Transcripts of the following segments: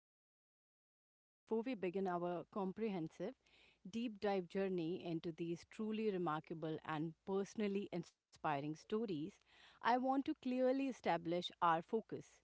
Extraordinary. Before we begin our comprehensive, deep dive journey into these truly remarkable and personally inspiring stories, I want to clearly establish our focus.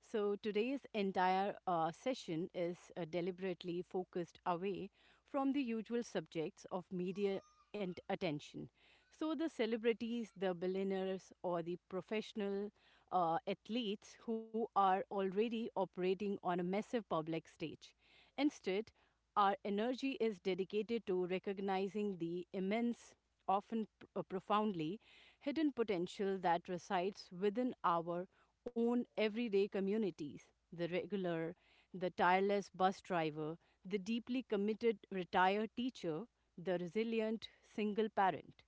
So, today's entire session is deliberately focused away from the usual subjects of media and attention. So, the celebrities, the billionaires, or the professional athletes who are already operating on a massive public stage. Instead, our energy is dedicated to recognizing the immense often profoundly hidden potential that resides within our own everyday communities the regular, the tireless bus driver, the deeply committed retired teacher, the resilient single parent.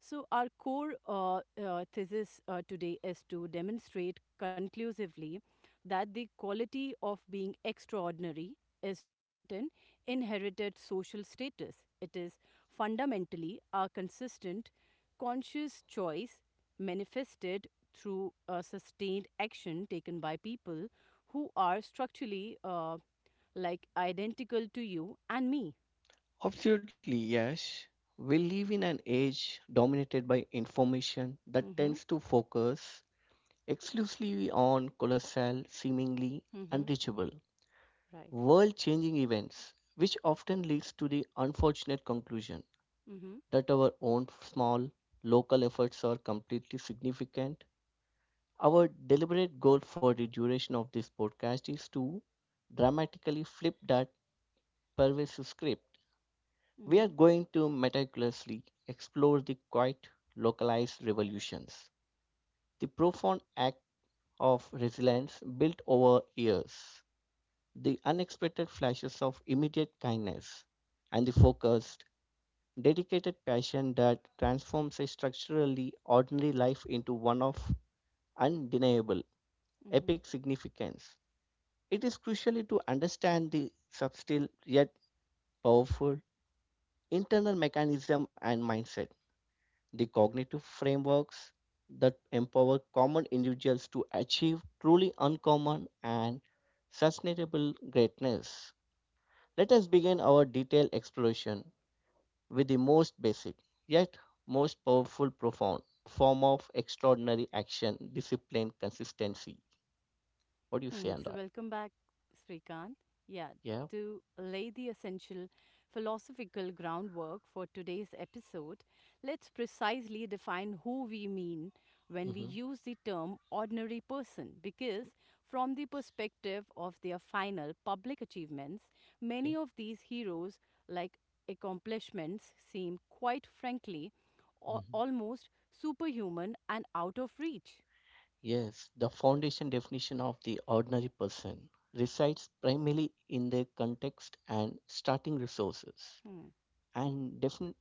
So, our core thesis today is to demonstrate conclusively that the quality of being extraordinary is not an inherited social status. It is fundamentally a consistent, conscious choice manifested through sustained action taken by people who are structurally like identical to you and me. Absolutely, yes. We live in an age dominated by information that Mm-hmm. tends to focus exclusively on colossal, seemingly Mm-hmm. unreachable, Right. world changing events, which often leads to the unfortunate conclusion Mm-hmm. that our own small, local efforts are completely significant. Our deliberate goal for the duration of this podcast is to dramatically flip that pervasive script. We are Mm-hmm. going to meticulously explore the quiet, localized revolutions, the profound act of resilience built over years, the unexpected flashes of immediate kindness, and the focused, dedicated passion that transforms a structurally ordinary life into one of undeniable, epic Mm-hmm. significance. It is crucially to understand the subtle yet powerful internal mechanism and mindset, the cognitive frameworks that empower common individuals to achieve truly uncommon and sustainable greatness. Let us begin our detailed exploration with the most basic, yet most powerful, profound form of extraordinary action discipline, consistency. What do you Hmm, say on so that? welcome back, Srikant. Yeah, Yeah. to lay the essential philosophical groundwork for today's episode, let's precisely define who we mean when we hmm use the term ordinary person, because from the perspective of their final public achievements, many Okay. of these heroes, like accomplishments, seem quite frankly Mm-hmm. almost superhuman and out of reach. Yes, the foundation definition of the ordinary person resides primarily in their context and starting resources, Hmm. and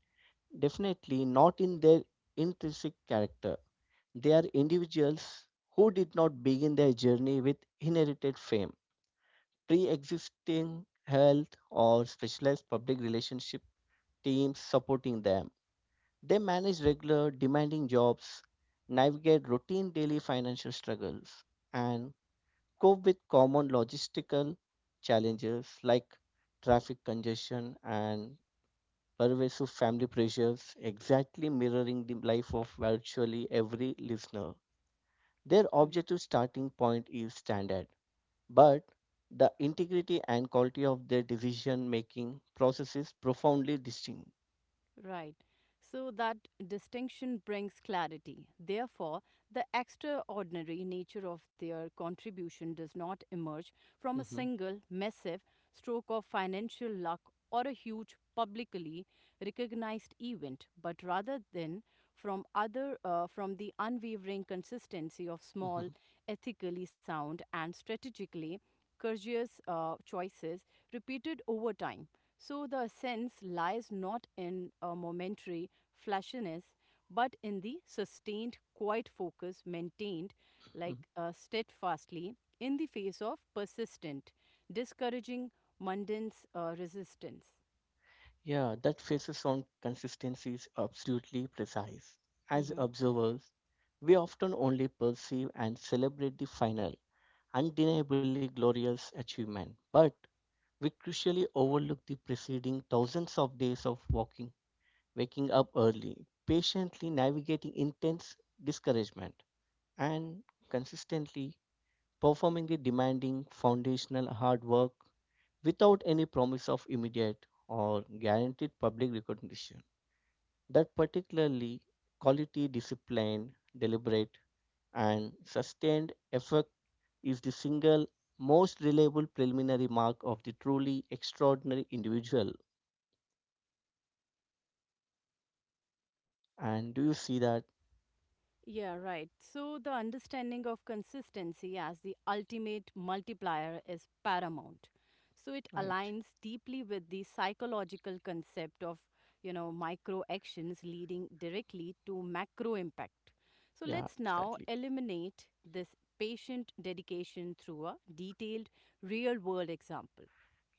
definitely not in their intrinsic character. They are individuals who did not begin their journey with inherited fame, pre existing health, or specialized public relationship teams supporting them. They manage regular, demanding jobs, navigate routine daily financial struggles, and cope with common logistical challenges like traffic congestion and pervasive family pressures, exactly mirroring the life of virtually every listener. Their Hmm. objective starting point is standard, but the integrity and quality of their decision making process is profoundly distinct. Right. So that distinction brings clarity. Therefore, the extraordinary nature of their contribution does not emerge from a Mhm, single massive stroke of financial luck or a huge publicly recognized event, but rather than from other from the unwavering consistency of mhm, small, mhm. ethically sound and strategically courageous choices repeated over time. So the sense lies not in a momentary flashiness, but in the sustained, quiet focus maintained steadfastly in the face of persistent, discouraging, mundane resistance. Yeah, that faces on consistency is absolutely precise. As Mhm. observers, we often only perceive and celebrate the final, undeniably glorious achievement, but we crucially overlook the preceding thousands of days of walking, waking up early, patiently navigating intense discouragement, and consistently performing the demanding foundational hard work without any promise of immediate or guaranteed public recognition, that particularly quality discipline, deliberate and sustained effort is the single most reliable preliminary mark of the truly extraordinary individual. And do you see that? Yeah, right. So, the understanding of consistency as the ultimate multiplier is paramount. So, it Right. aligns deeply with the psychological concept of, micro actions leading directly to macro impact. So, Yeah, let's now exactly. eliminate this patient dedication through a detailed real world example.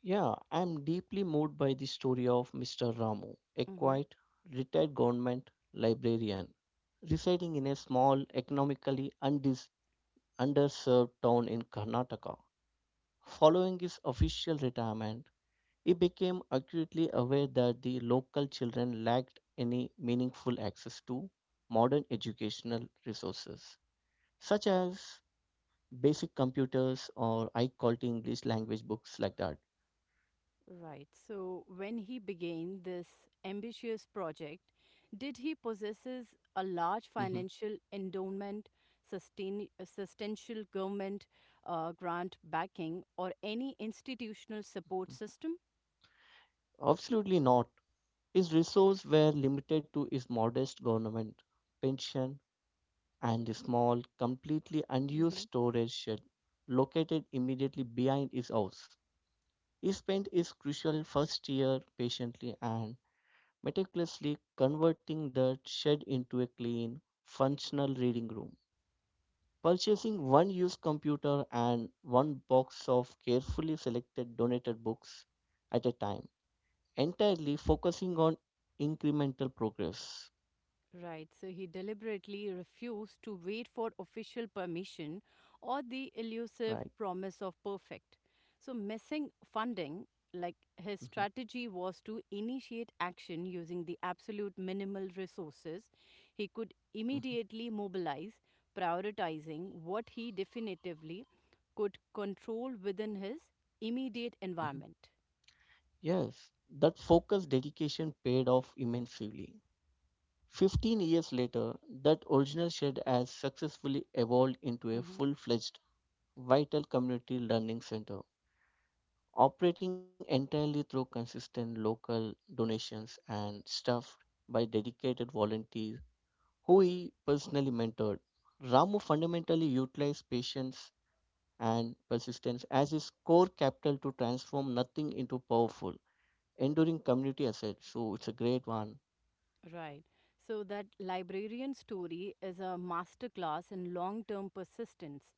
Yeah, I'm deeply moved by the story of Mr. Ramu, a Mm-hmm. quiet, retired government librarian residing in a small, economically underserved town in Karnataka. Following his official retirement, he became acutely aware that the local children lacked any meaningful access to modern educational resources, such as basic computers or high quality English language books like that. Right. So when he began this ambitious project, did he possesses a large Mhm. financial endowment, substantial government grant backing, or any institutional support system? Absolutely not. His resources were limited to his modest government pension and the small, completely unused Mhm. storage shed located immediately behind his house. He spent his crucial first year patiently and meticulously converting the shed into a clean, functional reading room, purchasing one used computer and one box of carefully selected donated books at a time, entirely focusing on incremental progress. Right, so he deliberately refused to wait for official permission or the elusive Right. promise of perfect. So, missing funding, like his hmm strategy was to initiate action using the absolute minimal resources he could hmm immediately mobilize, prioritizing what he definitively could control within his immediate hmm environment. Yes, that focused dedication paid off immensely. 15 years later, that original shed has successfully evolved into a Mm-hmm. full fledged, vital community learning center operating entirely through consistent local donations and staffed by dedicated volunteers who he personally mentored. Ramu fundamentally utilized patience and persistence as his core capital to transform nothing into powerful, enduring community asset. So it's a great one. Right. So that librarian story is a masterclass in long term persistence.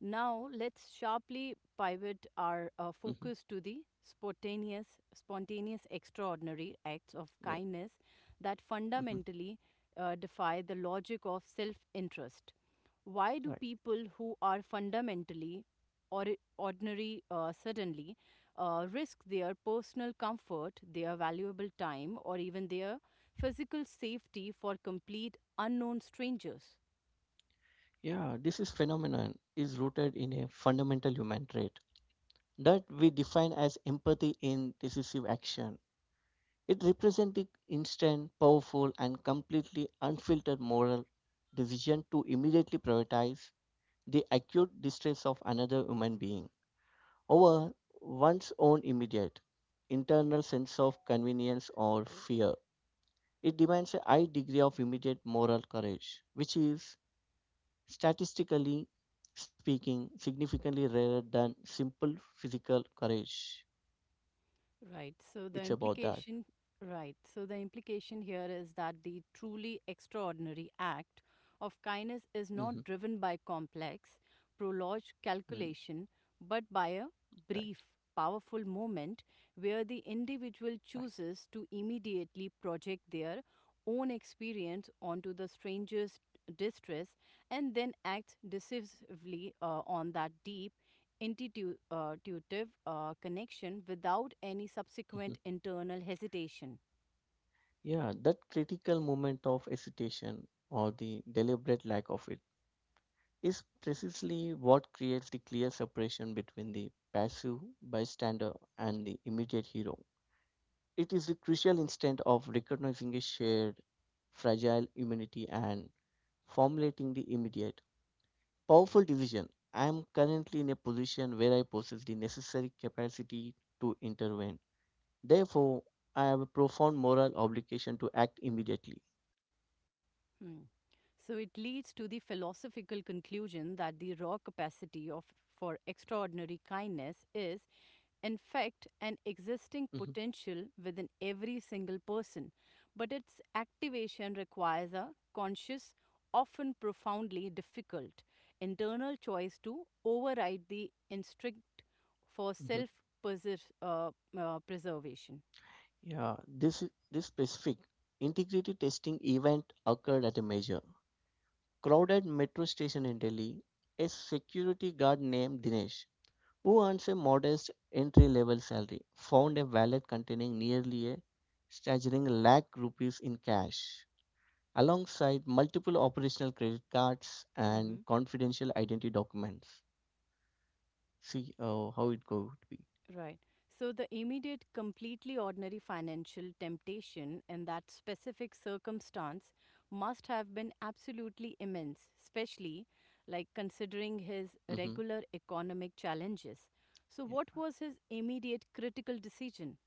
Now let's sharply pivot our hmm focus to the spontaneous, extraordinary acts of Yeah. kindness that hmm fundamentally defy the logic of self interest. Why do Right. people who are fundamentally or ordinary suddenly risk their personal comfort, their valuable time, or even their physical safety for complete unknown strangers. Yeah. This is phenomenon is rooted in a fundamental human trait that we define as empathy in decisive action. It represented instant, powerful, and completely unfiltered moral decision to immediately prioritize the acute distress of another human being over one's own immediate internal sense of convenience or fear. It demands a high degree of immediate moral courage, which is statistically speaking significantly rarer than simple physical courage. Right. So the It's about that. implication, right. So the implication here is that the truly extraordinary act of kindness is hmm not driven by complex, prolonged calculation, but by a right, brief, powerful moment where the individual right. chooses to immediately project their own experience onto the stranger's distress and then acts decisively on that deep intuitive connection without any Mhm. subsequent internal hesitation. Yeah, that critical moment of hesitation or the deliberate lack of it is precisely what creates the clear separation between the passive bystander and the immediate hero. It is the crucial instant of recognizing a shared fragile humanity and formulating the immediate powerful decision. I am currently in a position where I possess the necessary capacity to intervene. Therefore, I have a profound moral obligation to act immediately. Hmm. So it leads to the philosophical conclusion that the raw capacity of for extraordinary kindness is in fact, an existing Mhm, potential within every single person, but its activation requires a conscious, often profoundly difficult, internal choice to override the instinct for mhm. self uh, preservation. Yeah, this specific integrated testing event occurred at a major crowded metro station in Delhi. A security guard named Dinesh, who earns a modest entry-level salary, found a wallet containing nearly a staggering lakh rupees in cash, alongside multiple operational credit cards Mm-hmm. and confidential identity documents. See how it could be. Right. So the immediate, completely ordinary financial temptation in that specific circumstance must have been absolutely immense, especially like considering his hmm regular economic challenges. So, what was his immediate critical decision?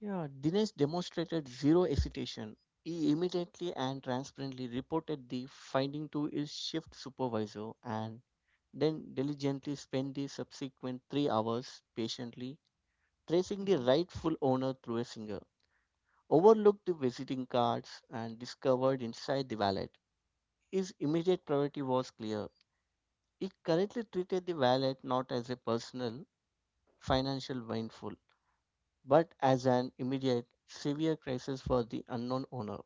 Yeah, Dinesh demonstrated zero hesitation. He immediately and transparently reported the finding to his shift supervisor and then diligently spent the subsequent 3 hours patiently tracing the Hmm. rightful owner through a singer, overlooked the visiting cards, and discovered inside the wallet. His immediate priority was clear. He correctly treated the wallet not as a personal financial windfall, but as an immediate severe crisis for the unknown owner.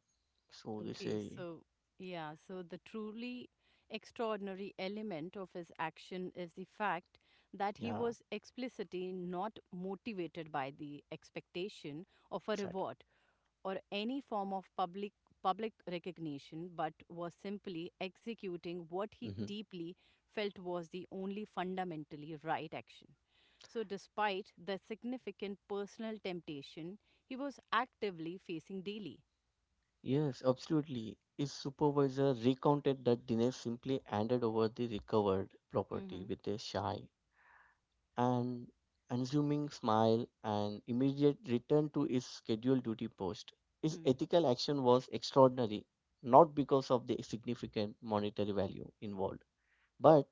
So they Okay, say, so yeah, so the truly extraordinary element of his action is the fact that he yeah, was explicitly not motivated by the expectation of a exactly. reward, or any form of public recognition but was simply executing what he hmm deeply felt was the only fundamentally right action so despite the significant personal temptation he was actively facing daily. Yes, absolutely. His supervisor recounted that Dinesh simply handed over the recovered Hmm. property with a shy and unassuming smile and immediate return to his scheduled duty post. His Hmm. ethical action was extraordinary, not because of the significant monetary value involved, but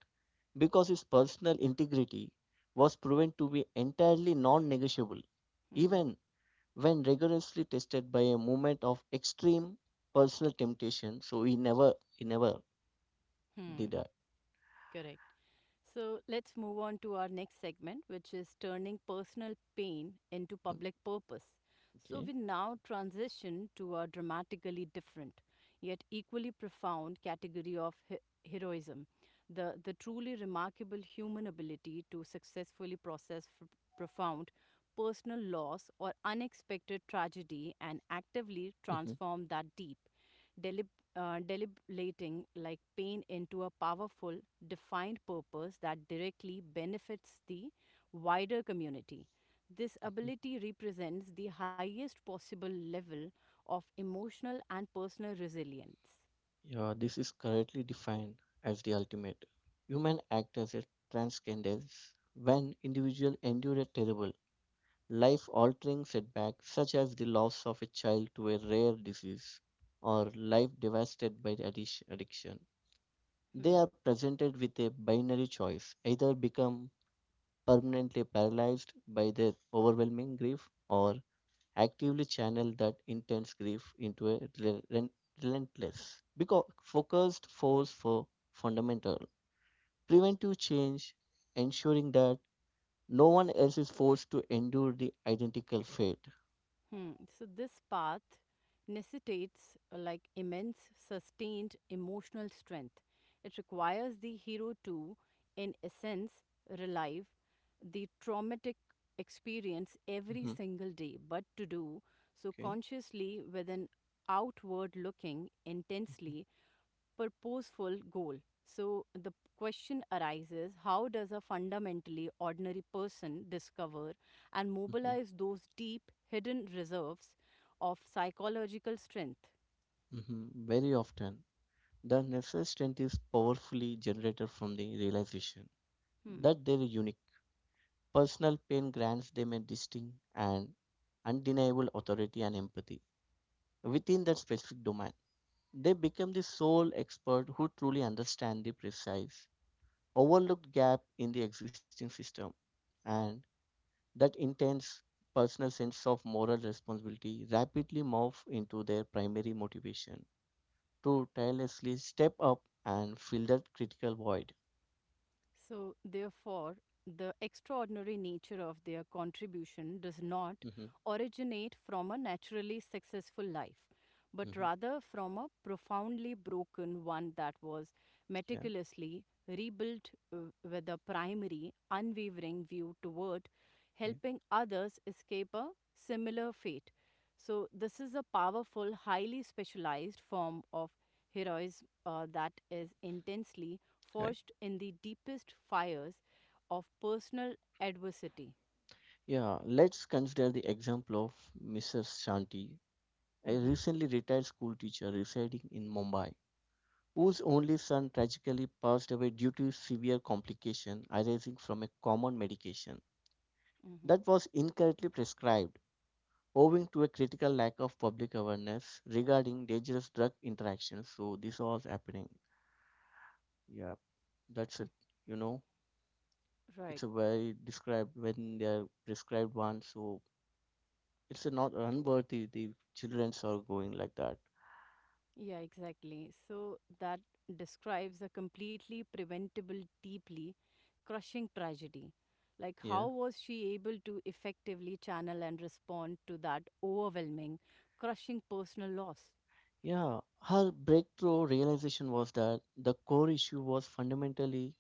because his personal integrity was proven to be entirely non negotiable, Hmm. even when rigorously tested by a moment of extreme personal temptation. So he never did Hmm. that. Correct. So let's move on to our next segment, which is turning personal pain into Um, public purpose. So Okay. we now transition to a dramatically different, yet equally profound category of heroism the truly remarkable human ability to successfully process profound personal loss or unexpected tragedy and actively hmm transform that deep deliberating like pain into a powerful defined purpose that directly benefits the wider community. This ability represents the highest possible level of emotional and personal resilience. Yeah, this is correctly defined as the ultimate human act, as a transcendence. When individual endure a terrible, life-altering setback such as the loss of a child to a rare disease or life devastated by the addiction, they Hmm. are presented with a binary choice: either become permanently paralyzed by their overwhelming grief or actively channel that intense grief into a relentless, because focused force for fundamental preventive change, ensuring that no one else is forced to endure the identical fate. Hmm. So this path necessitates like immense sustained emotional strength. It requires the hero to, in essence, relive the traumatic experience every Mhm, single day, but to do so Okay. consciously with an outward looking intensely purposeful goal. So the question arises how does a fundamentally ordinary person discover and hmm mobilize those deep hidden reserves of psychological strength? hmm Very often, the necessary strength is powerfully generated from the realization Hmm. that their uniqueness personal pain grants them a distinct and undeniable authority and empathy within that specific domain. They become the sole expert who truly understand the precise, overlooked gap in the existing system, and that intense personal sense of moral responsibility rapidly morph into their primary motivation to tirelessly step up and fill that critical void. So, therefore, the extraordinary nature of their contribution does not hmm originate from a naturally successful life, but hmm rather from a profoundly broken one that was Yeah, meticulously rebuilt with a primary, unwavering view toward yeah, helping others escape a similar fate. So, this is a powerful, highly specialized form of heroism that is intensely right. forged in the deepest fires of personal adversity. Yeah, let's consider the example of Mrs. Shanti, a Mm-hmm, recently retired school teacher residing in Mumbai, whose only son tragically passed away due to severe complication arising from a common medication that mm-hmm, was incorrectly prescribed, owing to a critical lack of public awareness regarding dangerous drug interactions. So this was happening. Yeah, that's it. mm. You know, it's Right. a very described when they are prescribed one, so it's not unworthy the childrens are going like that. Yeah, exactly. So that describes a completely preventable, deeply crushing tragedy. Like, yeah how was she able to effectively channel and respond to that overwhelming, crushing personal loss? yeah Her breakthrough realization was that the core issue was fundamentally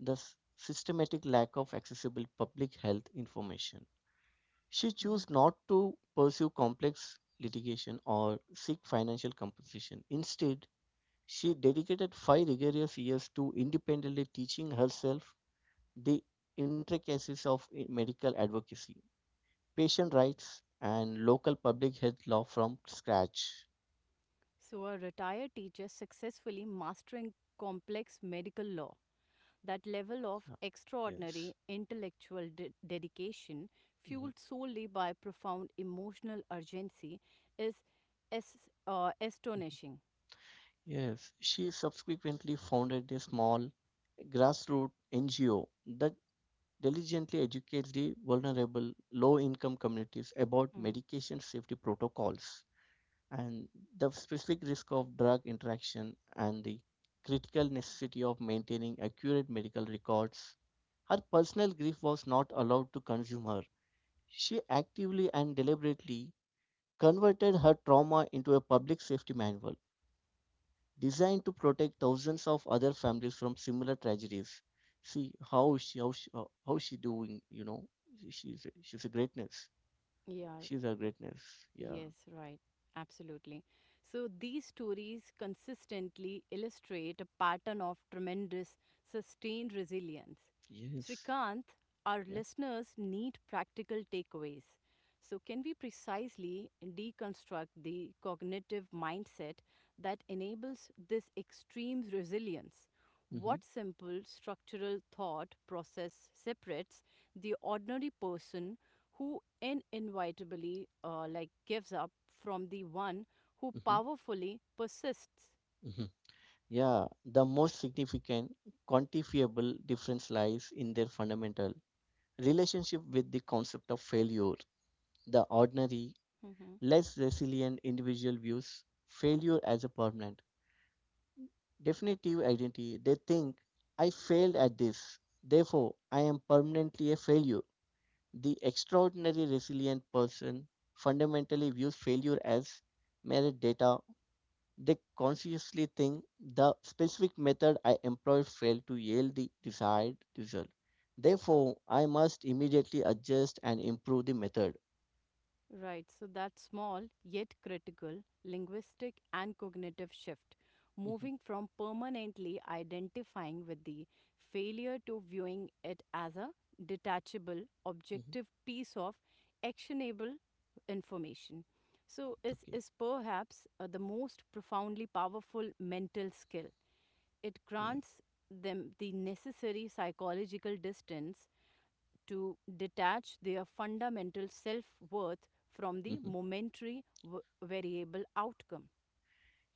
the systematic lack of accessible public health information. She Mhm. chose not to pursue complex litigation or seek financial compensation. Instead, she dedicated 5 rigorous years to independently teaching herself the intricacies of medical advocacy, patient rights and local public health law from scratch. So, a retired teacher successfully mastering complex medical law. That level of Yeah, yes. extraordinary intellectual dedication, Mhm, fueled solely by profound emotional urgency, is mhm. astonishing. Yes, she subsequently founded a small grassroots NGO that diligently educates the vulnerable low income communities about Mm, medication safety protocols and the specific risk of drug interaction and the critical necessity of maintaining accurate medical records. Her personal grief was not allowed to consume her. She actively and deliberately converted her trauma into a public safety manual designed to protect thousands of other families from similar tragedies. See how she how she, how she doing, you know. She's a greatness. yeah, She's a e- greatness. Yeah. yes, right. Absolutely. So these stories consistently illustrate a pattern of tremendous sustained resilience. Yes. Srikanth, our Yeah. listeners need practical takeaways. So, can we precisely deconstruct the cognitive mindset that enables this extreme resilience? Mhm. What simple structural thought process separates the ordinary person who inevitably like gives up from the one who Mhm. powerfully persists? Mhm. Yeah, the most significant quantifiable difference lies in their fundamental relationship with the concept of failure. The ordinary, Mhm. less resilient individual views failure as a permanent, definitive identity. They think, I failed at this, therefore I am permanently a failure. The extraordinary resilient person fundamentally views failure as mere data. They consciously think the specific method I employed failed to yield the desired result. Therefore, I must immediately adjust and improve the method. Right, so that small yet critical linguistic and cognitive shift, Mhm, moving from permanently identifying with the failure to viewing it as a detachable, mhm. objective piece of actionable information. So Okay. is perhaps the most profoundly powerful mental skill. It Yeah. grants them the necessary psychological distance to detach their fundamental self worth from the Mhm. momentary variable outcome.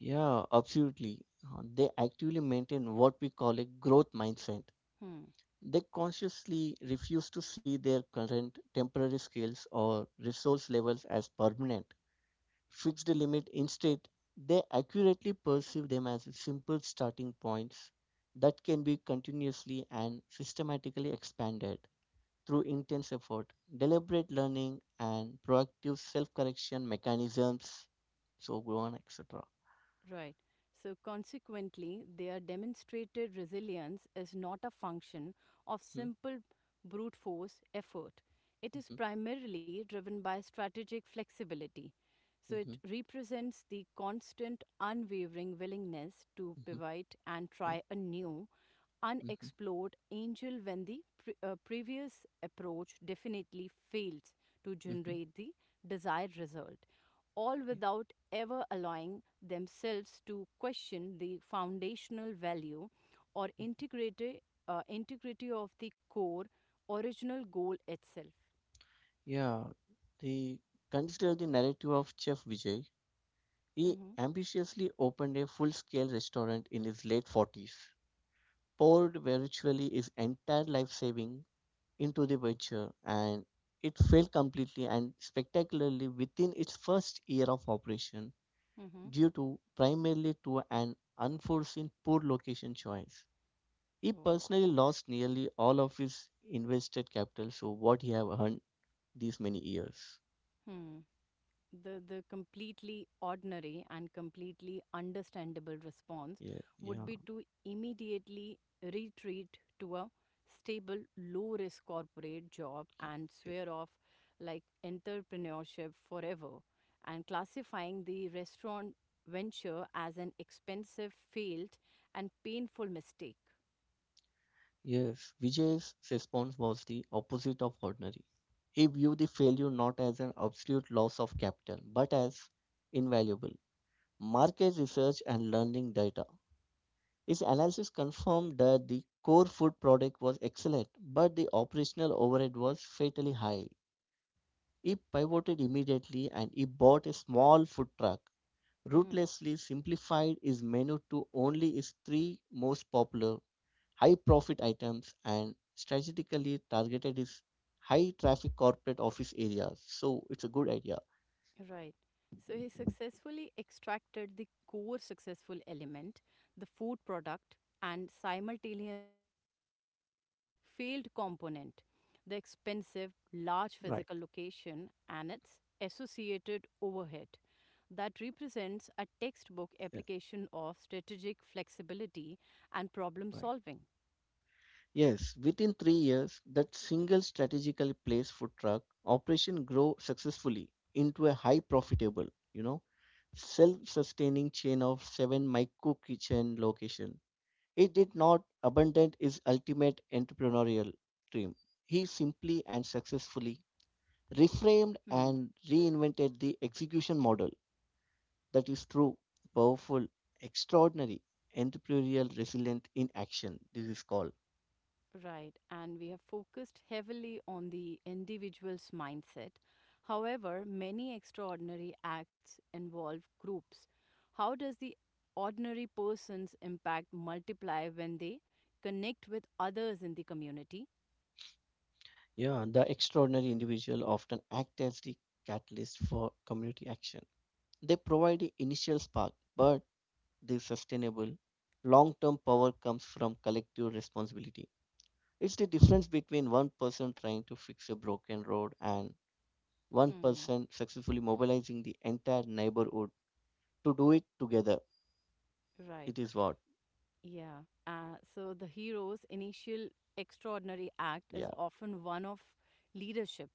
Yeah, absolutely. They actively maintain what we call a growth mindset. Hmm. They consciously refuse to see their current temporary skills or resource levels as permanent, fixed limit. Instead, they accurately perceive them as simple starting points that can be continuously and systematically expanded through intense effort, deliberate learning, and proactive self correction mechanisms. So, go on, etc. Right. So, consequently, their demonstrated resilience is not a function of hmm simple brute force effort. It is mhm, primarily driven by strategic flexibility. So, it mhm. represents the constant, unwavering willingness to Mhm, pivot and Okay. try a new, Mhm, unexplored angel when the previous approach definitely fails to mhm, generate the desired result all Okay. without ever allowing themselves to question the foundational value or Mhm. Integrity of the core original goal itself. Yeah, the consider the narrative of Chef Vijay. He Mm-hmm. ambitiously opened a full-scale restaurant in his late 40s, poured virtually his entire life saving into the venture, and it failed completely and spectacularly within its first year of operation Mm-hmm. due to primarily to an unforeseen poor location choice. He Oh. personally lost nearly all of his invested capital, so what he have earned these many years. Hmm. The completely ordinary and completely understandable response Yeah, would yeah, be to immediately retreat to a stable low risk corporate job yeah, and yeah. swear off like entrepreneurship forever and classifying the restaurant venture as an expensive failed and painful mistake. Yes, Vijay's response was the opposite of ordinary. He viewed the failure not as an absolute loss of capital, but as invaluable market research and learning data. His analysis confirmed that the core food product was excellent, but the operational overhead was fatally high. He pivoted immediately and he bought a small food truck, Hmm. ruthlessly simplified his menu to only his three most popular high profit items, and strategically targeted his high traffic corporate office areas. So it's a good idea. Right. So he successfully extracted the core successful element, the food product, and simultaneously eliminated the failed component, the expensive, large Right. physical location and its associated overhead. That represents a textbook Yeah. application of strategic flexibility and problem Right. solving. Yes, within 3 years, that single strategically placed food truck operation grew successfully into a high profitable, you know, self-sustaining chain of seven micro kitchen location. He did not abandon his ultimate entrepreneurial dream. He simply and successfully reframed Hmm. and reinvented the execution model that is true, powerful, extraordinary, entrepreneurial, resilient in action. This is called. Right, and we have focused heavily on the individual's mindset. However, many extraordinary acts involve groups. How does the ordinary person's impact multiply when they connect with others in the community? Yeah, the extraordinary individual often act as the catalyst for community action. They provide the initial spark, but the sustainable long term power comes from collective responsibility. It's the difference between one person trying to fix a broken road and one Hmm. person successfully mobilizing the entire neighborhood to do it together. Right. It is what? Yeah. So the hero's initial extraordinary act is Yeah, often one of leadership,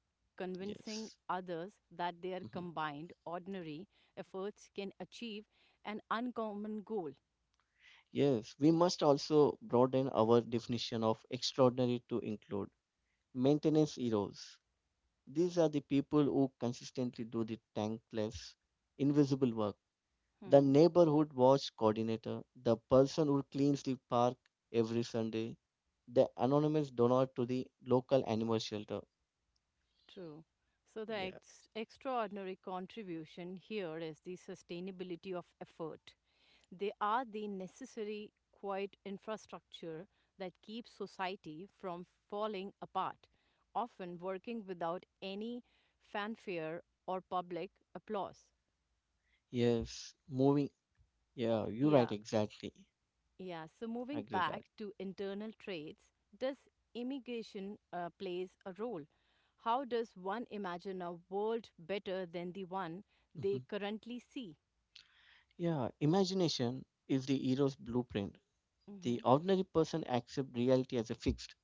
yes. convincing others that their Mhm. combined ordinary efforts can achieve an uncommon goal. Yes, we must also broaden our definition of extraordinary to include maintenance heroes. These are the people who consistently do the thankless, invisible work, the Hmm, neighborhood watch coordinator, the person who cleans the park every Sunday, the anonymous donor to the local animal shelter. true. So the Yeah. Extraordinary contribution here is the sustainability of effort. They are the necessary quiet infrastructure that keeps society from falling apart, often working without any fanfare or public applause. Yes. Moving. Yeah, you're right. Yeah, Exactly. yeah. So moving Agree that. back to internal traits, does immigration plays a role? How does one imagine a world better than the one Mhm. they currently see? Yeah. Imagination is the hero's blueprint. Mm-hmm. The ordinary person accepts reality as a fixed.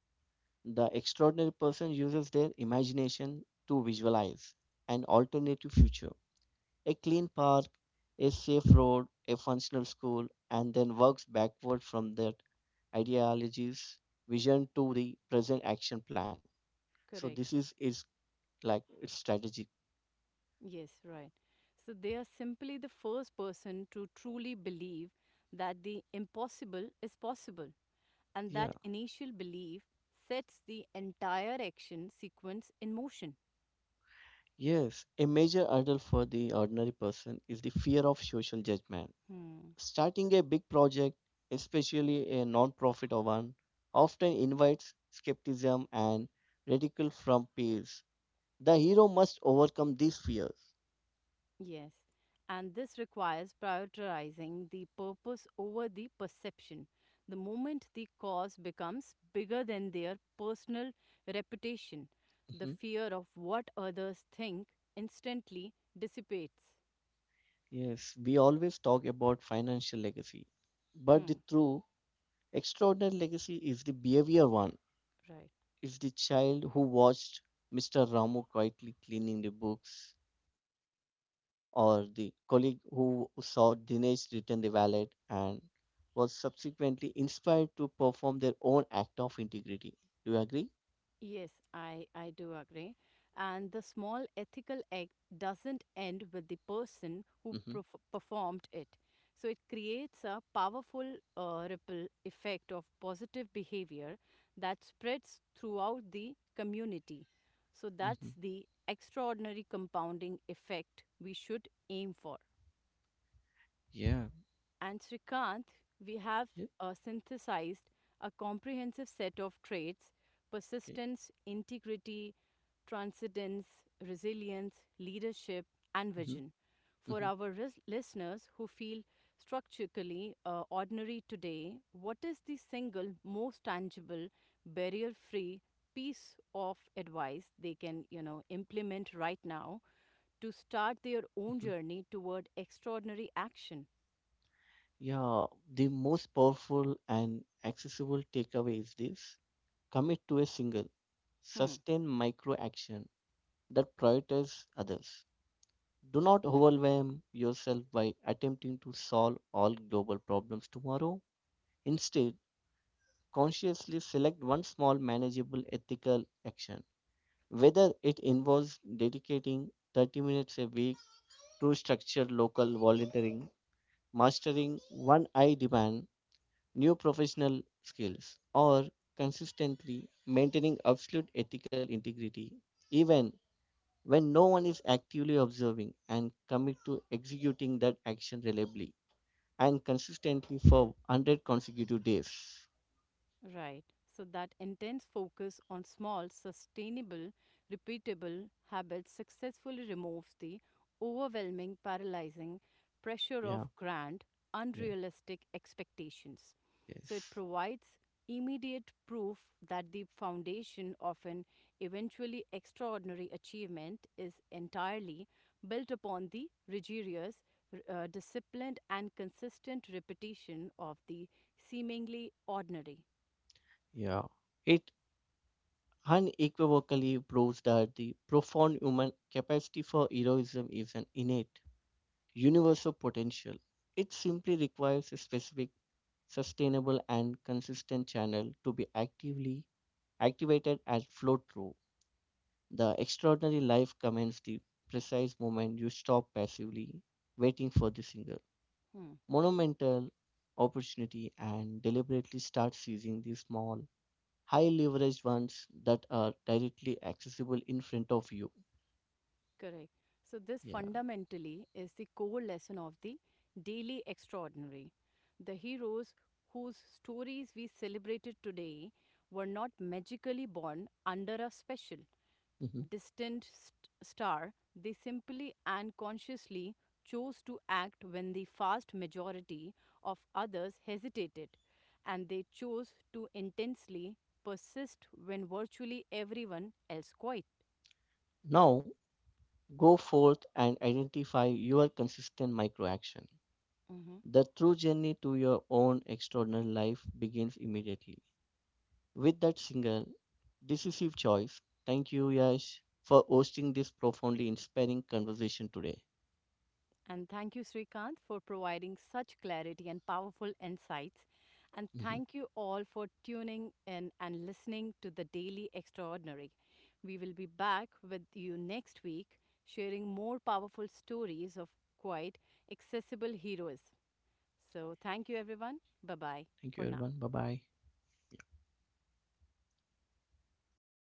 The extraordinary person uses their imagination to visualize an alternative future. A clean park, a safe road, a functional school, and then works backward from that ideology's vision to the present action plan. So this Correct. is is like its strategy. Yes, right. So they are simply the first person to truly believe that the impossible is possible. And Yeah. that initial belief sets the entire action sequence in motion. Yes. A major hurdle for the ordinary person is the fear of social judgment. Hmm. Starting a big project, especially a non-profit one, often invites skepticism and ridicule from peers. The hero must overcome these fears. Yes. And this requires prioritizing the purpose over the perception. The moment the cause becomes bigger than their personal reputation, the fear of what others think instantly dissipates. Yes, we always talk about financial legacy, but the Hmm. true extraordinary legacy is the behavior one. Right. Is the child who watched Mr. Ramu quietly cleaning the books, or the colleague who saw Dinesh return the wallet and was subsequently inspired to perform their own act of integrity. Do you agree? Yes, I do agree. And the small ethical act doesn't end with the person who Mm-hmm. Performed it. So it creates a powerful ripple effect of positive behavior that spreads throughout the community. So that's Mm-hmm. the extraordinary compounding effect we should aim for. Yeah. And Srikanth, we have Yeah. Synthesized a comprehensive set of traits Okay. persistence, integrity, transcendence, resilience, leadership, and Mm-hmm. vision. For Mm-hmm. our listeners who feel structurally ordinary today, what is the single most tangible, barrier free piece of advice they can, implement right now to start their own Mm-hmm. journey toward extraordinary action? Yeah, the most powerful and accessible takeaway is this. Commit to a single, Hmm. sustained micro action that prioritizes others. Do not Hmm. overwhelm yourself by attempting to solve all global problems tomorrow. Instead, consciously select one small manageable ethical action, whether it involves dedicating 30 minutes a week to structured local volunteering, mastering one eye demand, new professional skills, or consistently maintaining absolute ethical integrity even when no one is actively observing, and commit to executing that action reliably and consistently for 100 consecutive days. Right. So that intense focus on small, sustainable, repeatable habits successfully removes the overwhelming, paralyzing pressure of Yeah, grand, yeah, unrealistic expectations. So it yes, provides immediate proof that the foundation of an eventually extraordinary achievement is entirely built upon the rigorous, disciplined, and consistent repetition of the seemingly ordinary. yeah. It unequivocally proves that the profound human capacity for heroism is an innate, universal potential. It simply requires a specific, sustainable, and consistent channel to be actively activated and flow through. The extraordinary life commenced the precise moment you stop passively waiting for the single Hmm, monumental opportunity and deliberately start seizing the small, high leveraged ones that are directly accessible in front of you. correct. So, this Yeah. fundamentally is the core lesson of the Daily Extraordinary. The heroes whose stories we celebrated today were not magically born under a special, Mhm. distant star. They simply and consciously chose to act when the vast majority of others hesitated, and they chose to intensely persist when virtually everyone else quit. Now go forth and identify your consistent micro action. The true journey to your own extraordinary life begins immediately with that single decisive choice. Thank you, Yash, for hosting this profoundly inspiring conversation today. And thank you, Srikanth, for providing such clarity and powerful insights. And Mhm. thank you all for tuning in and listening to the Daily Extraordinary. We will be back with you next week, sharing more powerful stories of quite accessible heroes. So, thank you, everyone. Bye bye Thank you, for now. everyone. Bye bye.